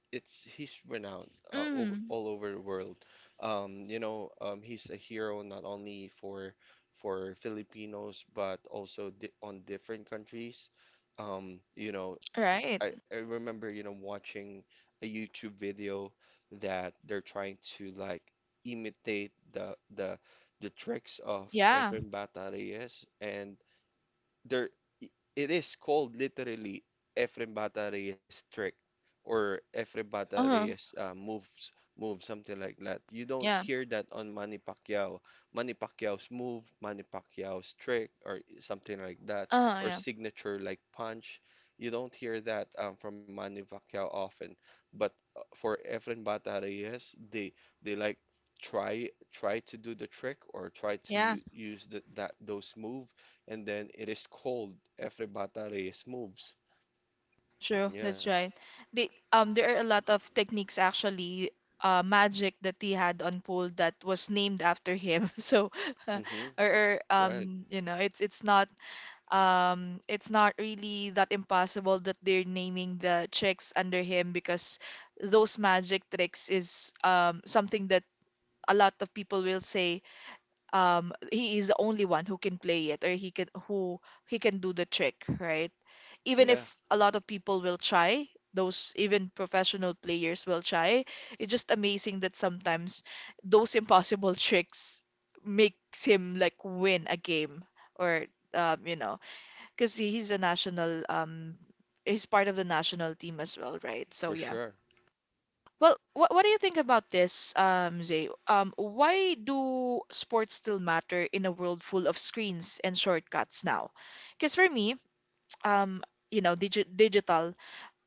B: it's, he's renowned over,
A: Mm,
B: all over the world. You know, he's a hero not only for Filipinos but also di on different countries. You know,
A: right.
B: I remember, you know, watching a YouTube video that they're trying to like imitate the tricks of
A: Yeah.
B: Efren Bata Reyes, and there, it is called literally Efrem Bata Reyes trick, or Efrem Bata
A: Uh-huh.
B: Reyes moves, move, something like that. You don't
A: Yeah.
B: hear that on Manny Pacquiao. Manny Pacquiao's move, Manny Pacquiao's trick, or something like that,
A: Uh-huh,
B: or
A: yeah.
B: signature like punch. You don't hear that from Manny Pacquiao often. But for Efren Bata Reyes, they they like try to do the trick, or try to
A: Yeah,
B: use the, that those move, and then it is cold. Every Efribata Reyes Moves.
A: true.
B: Yeah.
A: That's right. There are a lot of techniques actually, magic that he had on pole that was named after him. So, uh,
B: Mm-hmm.
A: or
B: Right.
A: you know, it's not it's not really that impossible that they're naming the tricks under him because those magic tricks is something that a lot of people will say he is the only one who can play it, or he can do the trick, right? Even
B: Yeah,
A: if a lot of people will try, those even professional players will try. It's just amazing that sometimes those impossible tricks makes him like win a game or you know, because he's a national he's part of the national team as well, right?
B: for
A: So yeah.
B: sure.
A: Well, what do you think about this, Zay? Why do sports still matter in a world full of screens and shortcuts now? Because for me, um, you know, digital,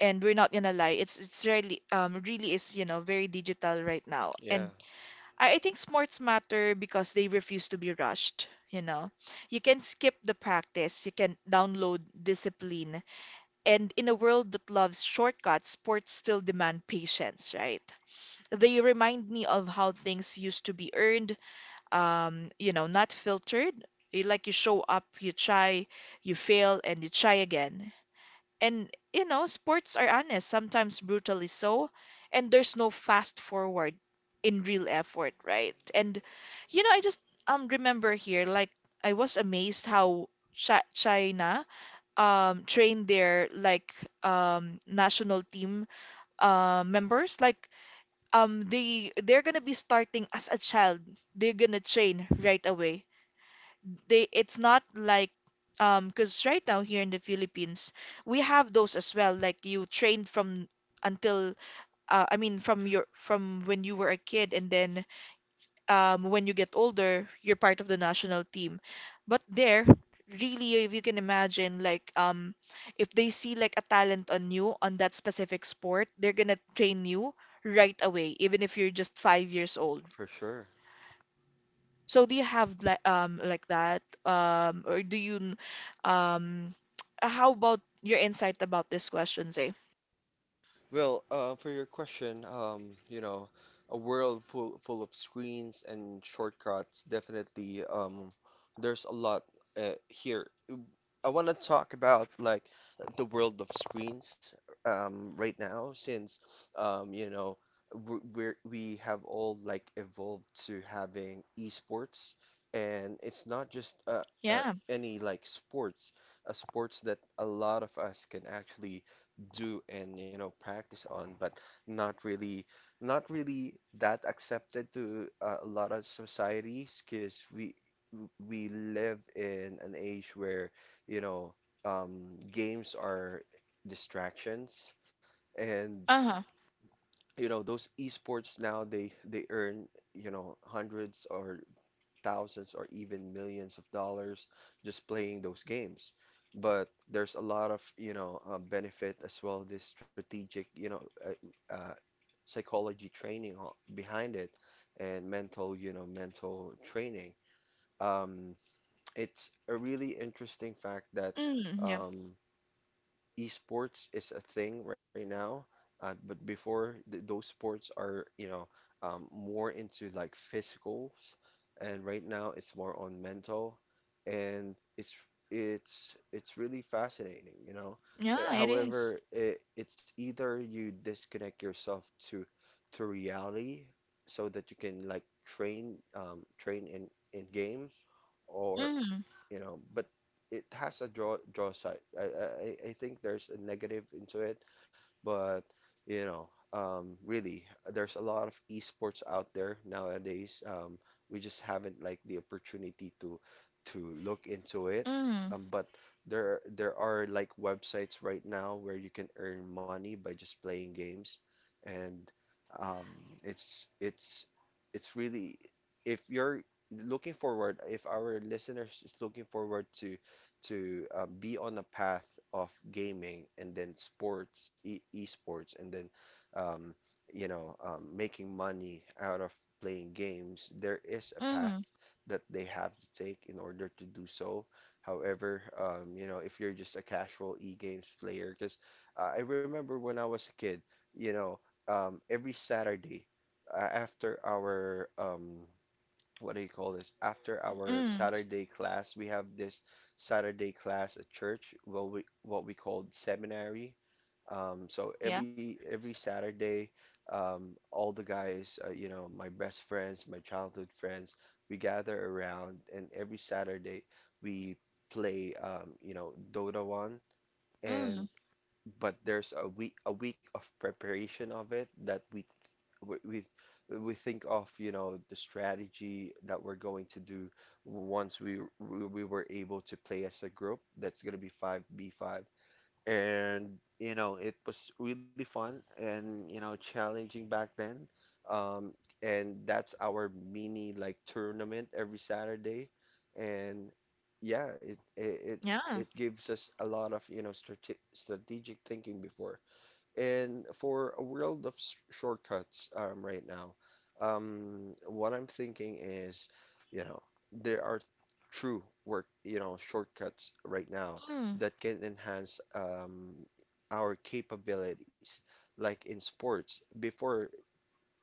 A: and we're not gonna lie, it's really really is you know very digital right now,
B: Yeah,
A: and I think sports matter because they refuse to be rushed. You know, you can skip the practice, you can download discipline, and in a world that loves shortcuts, sports still demand patience, right? They remind me of how things used to be earned, you know, not filtered. Eh, like you show up, you try, you fail, and you try again. And, you know, sports are honest, sometimes brutally so, and there's no fast forward in real effort, right? And, you know, I just remember here, like, I was amazed how China trained their like national team members. Like they're gonna be starting as a child, they're gonna train right away. They it's not like because right now here in the Philippines, we have those as well, like you trained from until from your from when you were a kid, and then when you get older, you're part of the national team. But there, really, if you can imagine, like, if they see like a talent on you on that specific sport, they're gonna train you right away, even if you're just 5 years old.
B: for sure.
A: So do you have like that or do you n- um how about your insight about this question, Zay?
B: Well, for your question, you know, a world full of screens and shortcuts, definitely, there's a lot here. I want to talk about like the world of screens, right now, since you know, we're, we have all like evolved to having esports, and it's not just uh,
A: Yeah.
B: any like sports, a sports that a lot of us can actually do and you know practice on, but not really, not really that accepted to, a lot of societies, because we live in an age where you know, games are distractions, and
A: Uh-huh.
B: you know those esports now, they earn, you know, hundreds or thousands or even millions of dollars just playing those games. But there's a lot of, you know, benefit as well, this strategic, you know, uh, psychology training behind it, and mental, you know, mental training. Um, it's a really interesting fact that
A: Mm, yeah.
B: um, esports is a thing right now, but before th those sports are, you know, more into like physicals, and right now it's more on mental, and it's really fascinating, you know. Uh,
A: Yeah, it is.
B: However, it, it's either you disconnect yourself to to reality so that you can like train train in game. Or
A: Mm,
B: you know, but it has a draw side. I think there's a negative into it, but really, there's a lot of esports out there nowadays. We just haven't like the opportunity to look into it.
A: mm,
B: But there are like websites right now where you can earn money by just playing games, and um, it's it's really if you're looking forward, if our listeners is looking forward to be on a path of gaming and then sports, e esports, and then um, making money out of playing games, there is a path
A: mm,
B: that they have to take in order to do so. However, if you're just a casual e-games player, because I remember when I was a kid, you know, every Saturday after our what do you call this? After our
A: mm.
B: Saturday class, we have this Saturday class at church. Well, we what we called seminary. So
A: Yeah.
B: every Saturday, all the guys, my best friends, my childhood friends, we gather around, and every Saturday we play, Dota 1, and but there's a week of preparation of it that we we think of, you know, the strategy that we're going to do once we were able to play as a group. That's gonna be 5 B 5. And you know, it was really fun and, you know, challenging back then. Um, and that's our mini like tournament every Saturday. And yeah,
A: Yeah.
B: it gives us a lot of, you know, strategic thinking before. And for a world of shortcuts right now, what I'm thinking is, you know, there are true work, you know, shortcuts right now
A: Mm.
B: that can enhance our capabilities. Like in sports, before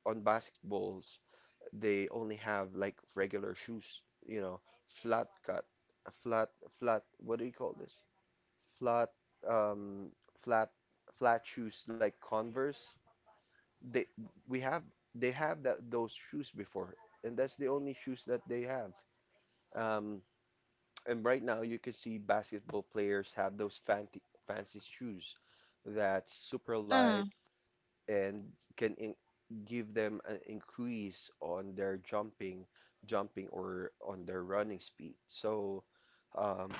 B: on basketballs, they only have like regular shoes, you know, flat cut, a flat, flat, what do you call this? Flat, um, flat, flat shoes like Converse. they we have they have that those shoes before, and that's the only shoes that they have. Um, and right now you can see basketball players have those fancy shoes that's super light
A: Uh,
B: and can in give them an increase on their jumping, jumping or on their running speed. So um,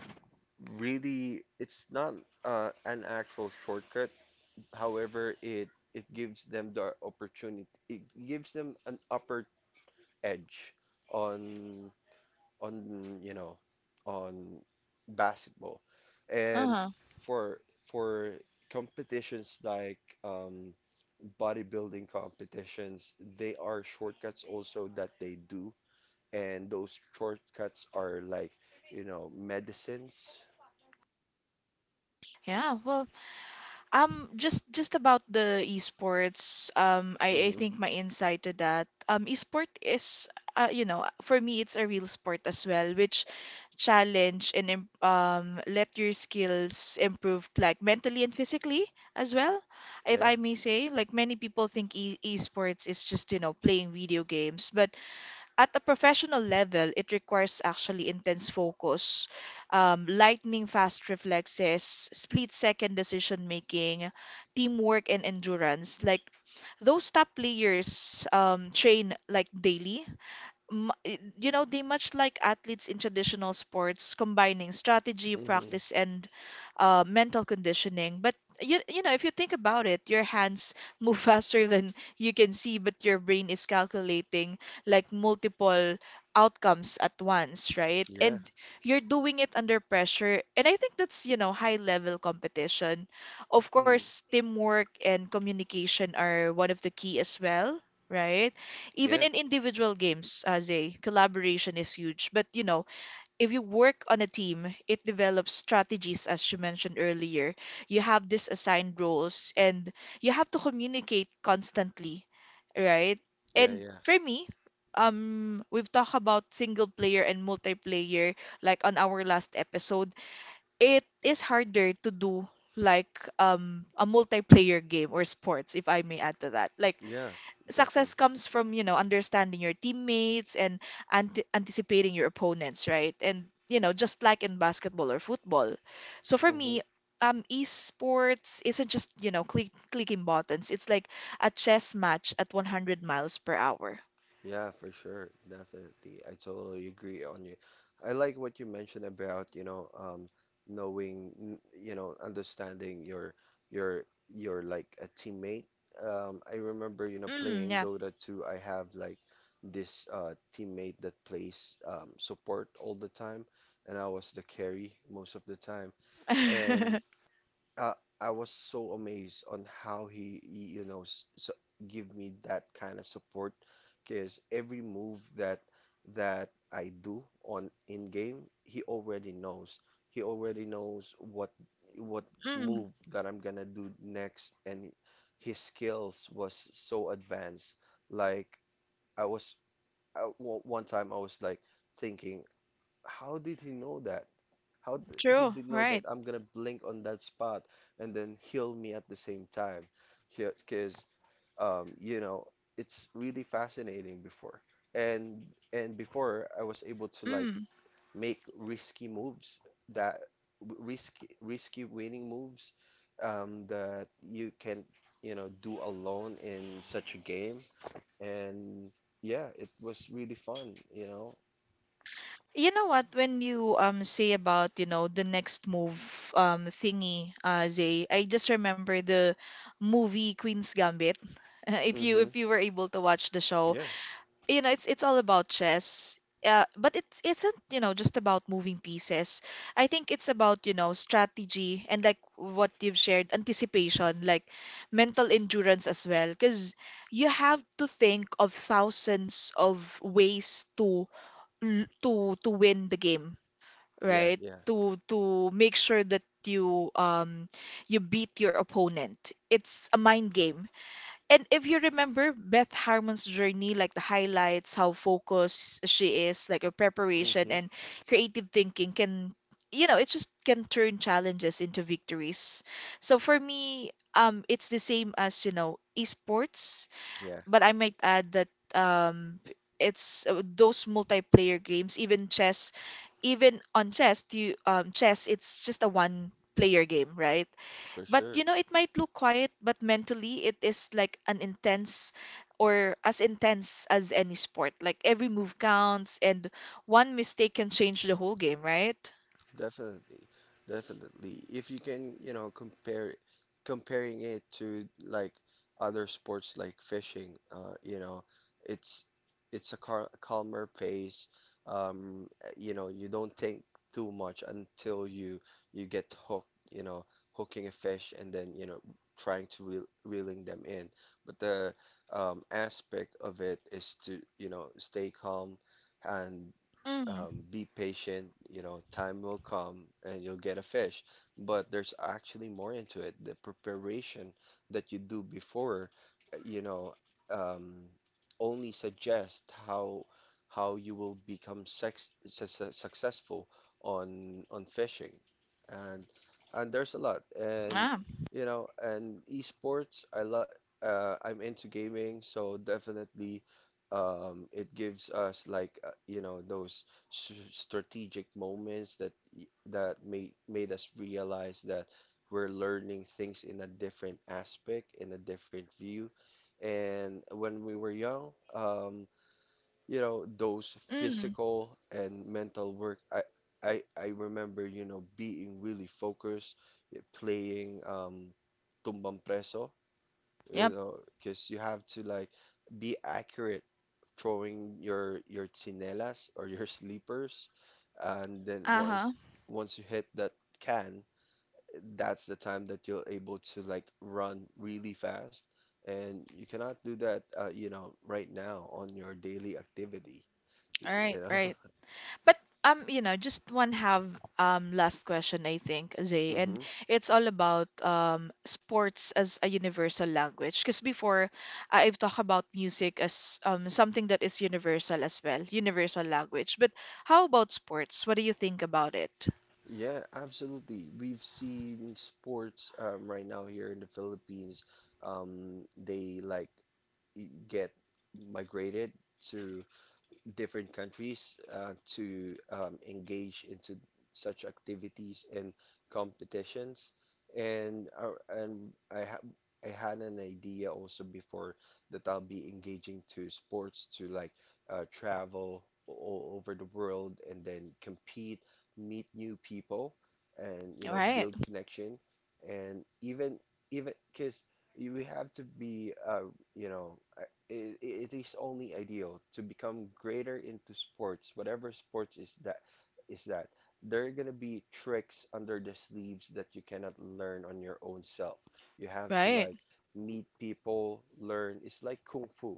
B: really, it's not an actual shortcut. However, it gives them the opportunity. It gives them an upper edge on on you know on basketball, and
A: uh-huh.
B: for for competitions like bodybuilding competitions, they are shortcuts also that they do, and those shortcuts are like, you know, medicines.
A: Yeah. Well, just about the esports, I
B: hmm
A: think my insight to that, esport is you know, for me, it's a real sport as well, which challenge and let your skills improve like mentally and physically as well, if
B: Yeah.
A: I may say. Like many people think e esports is just, you know, playing video games, but at a professional level, it requires actually intense focus, lightning fast reflexes, split second decision making, teamwork, and endurance. Like those top players train like daily mu- you know, they much like athletes in traditional sports, combining strategy
B: hmm
A: practice and mental conditioning. But you know, if you think about it, your hands move faster than you can see, but your brain is calculating like multiple outcomes at once, right?
B: Yeah.
A: And you're doing it under pressure, and I think that's, you know, high level competition. Of
B: Mm.
A: course, teamwork and communication are one of the key as well, right? Even
B: Yeah,
A: in individual games, as a collaboration is huge. But you know, if you work on a team, it develops strategies, as you mentioned earlier. You have these assigned roles, and you have to communicate constantly, right?
B: yeah,
A: And
B: yeah,
A: for me, we've talked about single player and multiplayer like on our last episode. It is harder to do like a multiplayer game or sports, if I may add to that. Like
B: yeah, definitely.
A: success comes from, you know, understanding your teammates and ante anticipating your opponents, right? And, you know, just like in basketball or football. So for
B: hmm
A: me, esports isn't just, you know, clicking buttons. It's like a chess match at 100 miles per hour.
B: Yeah, for sure. Definitely. I totally agree on you. I like what you mentioned about, knowing, you know, understanding your your your like a teammate. I remember, you know,
A: Mm,
B: playing
A: yeah.
B: Dota 2, I have like this teammate that plays support all the time, and I was the carry most of the time. And uh, I was so amazed on how you know, so give me that kind of support because every move that I do on in game, he already knows. He already knows what
A: Mm,
B: move that I'm gonna do next, and his skills was so advanced. Like I was I- o- one time I was like thinking, how did he know that? How d he True,
A: true,
B: did know that,
A: right.
B: right? I'm gonna blink on that spot and then heal me at the same time? Because you know, it's really fascinating before. And and before I was able to like
A: Mm.
B: make risky moves that risky winning moves that you can, you know, do alone in such a game. And yeah, it was really fun, you know.
A: You know what? When you say about, you know, the next move thingy, Zay, I just remember the movie Queen's Gambit. If you
B: hmm
A: were able to watch the show,
B: Yeah,
A: you know, it's all about chess. But it isn't, you know, just about moving pieces. I think it's about, you know, strategy and like what you've shared, anticipation, like mental endurance as well. Because you have to think of thousands of ways to to win the game,
B: yeah,
A: right?
B: yeah.
A: To make sure that you you beat your opponent. It's a mind game. And if you remember Beth Harmon's journey, like the highlights, how focused she is, like her preparation
B: hmm
A: and creative thinking can, you know, it just can turn challenges into victories. So for me, it's the same as, you know, esports,
B: Yeah,
A: but I might add that um it's those multiplayer games, even chess, you chess, it's just a one player game, right?
B: for
A: But
B: sure.
A: you know, it might look quiet, but mentally it is like an intense or as intense as any sport. Like every move counts, and one mistake can change the whole game, right?
B: Definitely. Definitely. If you can, you know, compare comparing it to like other sports like fishing, you know, it's it's a calmer pace. Um, you know, you don't think too much until you get hooked, you know, hooking a fish and then, you know, trying to reeling them in. But the aspect of it is to, you know, stay calm and
A: Mm.
B: be patient, you know, time will come and you'll get a fish. But there's actually more into it. The preparation that you do before, uh, you know, um, only suggest how you will become successful on fishing. And and there's a lot. And
A: Ah.
B: you know, and esports, I like, I'm into gaming, so definitely it gives us like, you know, those strategic moments that that made us realize that we're learning things in a different aspect, in a different view. And when we were young, you know, those
A: Mm.
B: physical and mental work, I remember, you know, being really focused, playing tumbang preso, you
A: Yep.
B: know, because you have to like be accurate throwing your chinelas or your sleepers, and then
A: Uh-huh.
B: once you hit that can, that's the time that you're able to like run really fast, and you cannot do that, you know, right now on your daily activity,
A: All
B: you
A: right,
B: know.
A: right. But you know, just one have last question I think, Zay, and
B: Mhm.
A: it's all about sports as a universal language. Because before I've talked about music as something that is universal as well, universal language. But how about sports? What do you think about it?
B: Yeah, absolutely. We've seen sports right now here in the Philippines. They like get migrated to different countries to engage into such activities and competitions. And I have I had an idea also before that I'll be engaging to sports to like travel all over the world and then compete, meet new people, and you know
A: Right,
B: build connection. And even because you we have to be, you know, uh, it, it is only ideal to become greater into sports, whatever sports is that is that. There are gonna be tricks under the sleeves that you cannot learn on your own self. You have to, right,
A: right,
B: like meet people, learn. It's like kung fu,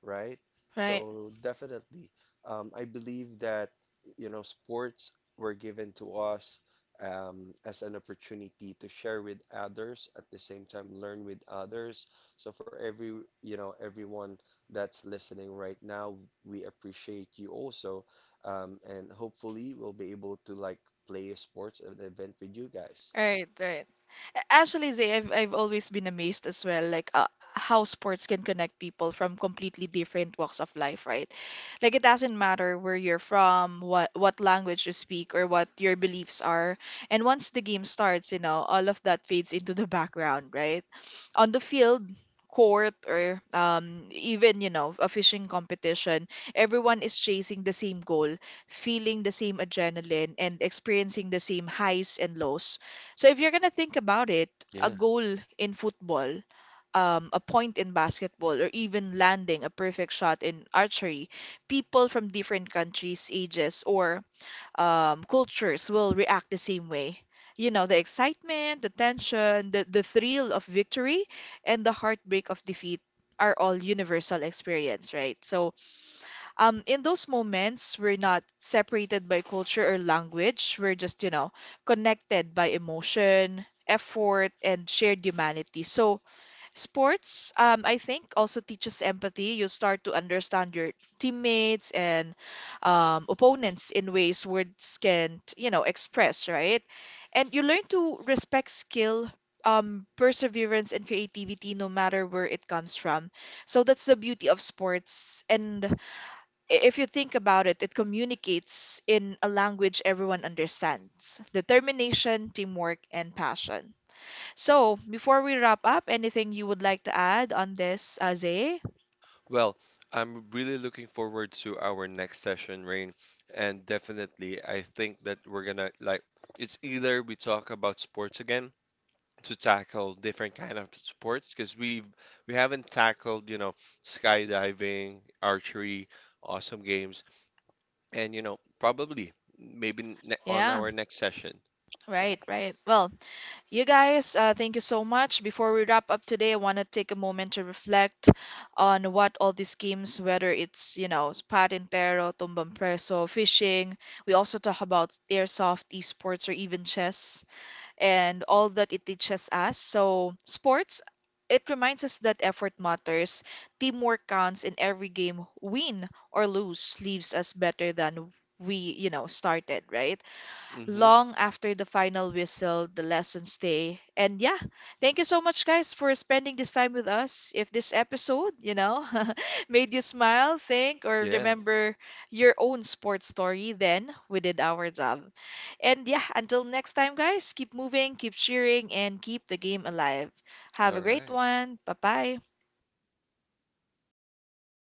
B: right? Right,
A: right.
B: so definitely, I believe that, you know, sports were given to us as an opportunity to share with others at the same time learn with others. So for every, you know, everyone that's listening right now, we appreciate you also, and hopefully we'll be able to like play a sports at event with you guys.
A: Right, right. Actually, Zay, I've always been amazed as well, like how sports can connect people from completely different walks of life, right? Like it doesn't matter where you're from, what language you speak, or what your beliefs are. And once the game starts, you know, all of that fades into the background, right? On the field, court, or even, you know, a fishing competition, everyone is chasing the same goal, feeling the same adrenaline, and experiencing the same highs and lows. So if you're gonna think about it, a goal in football, a point in basketball, or even landing a perfect shot in archery, people from different countries, ages, or cultures will react the same way. You know, the excitement, the tension, the thrill of victory, and the heartbreak of defeat are all universal experience, right? So, in those moments, we're not separated by culture or language. We're just, you know, connected by emotion, effort, and shared humanity. So, sports, I think, also teaches empathy. You start to understand your teammates and opponents in ways words can't, you know, express, right? And you learn to respect skill, perseverance, and creativity no matter where it comes from. So that's the beauty of sports. And if you think about it, it communicates in a language everyone understands: determination, teamwork, and passion. So, before we wrap up, anything you would like to add on this, Aze?
B: Well, I'm really looking forward to our next session, Rain, and definitely I think that we're gonna like it's either we talk about sports again to tackle different kind of sports because we have not tackled, you know, skydiving, archery, awesome games, and you know probably maybe on
A: Yeah,
B: our next session.
A: right, right. Well, you guys, thank you so much. Before we wrap up today, I want to take a moment to reflect on what all these schemes, whether it's, you know, Patintero, Tumbang Preso, fishing, we also talk about airsoft, esports, or even chess, and all that it teaches us. So, sports, it reminds us that effort matters, teamwork counts, in every game, win or lose, leaves us better than we, you know, started, right?
B: Mm-hmm.
A: Long after the final whistle, the lessons stay. And yeah, thank you so much, guys, for spending this time with us. If this episode, you know, made you smile, think, or
B: Yeah,
A: remember your own sports story, then we did our job. And yeah, until next time, guys, keep moving, keep cheering, and keep the game alive. Have a
B: all
A: great
B: right.
A: one. Bye bye.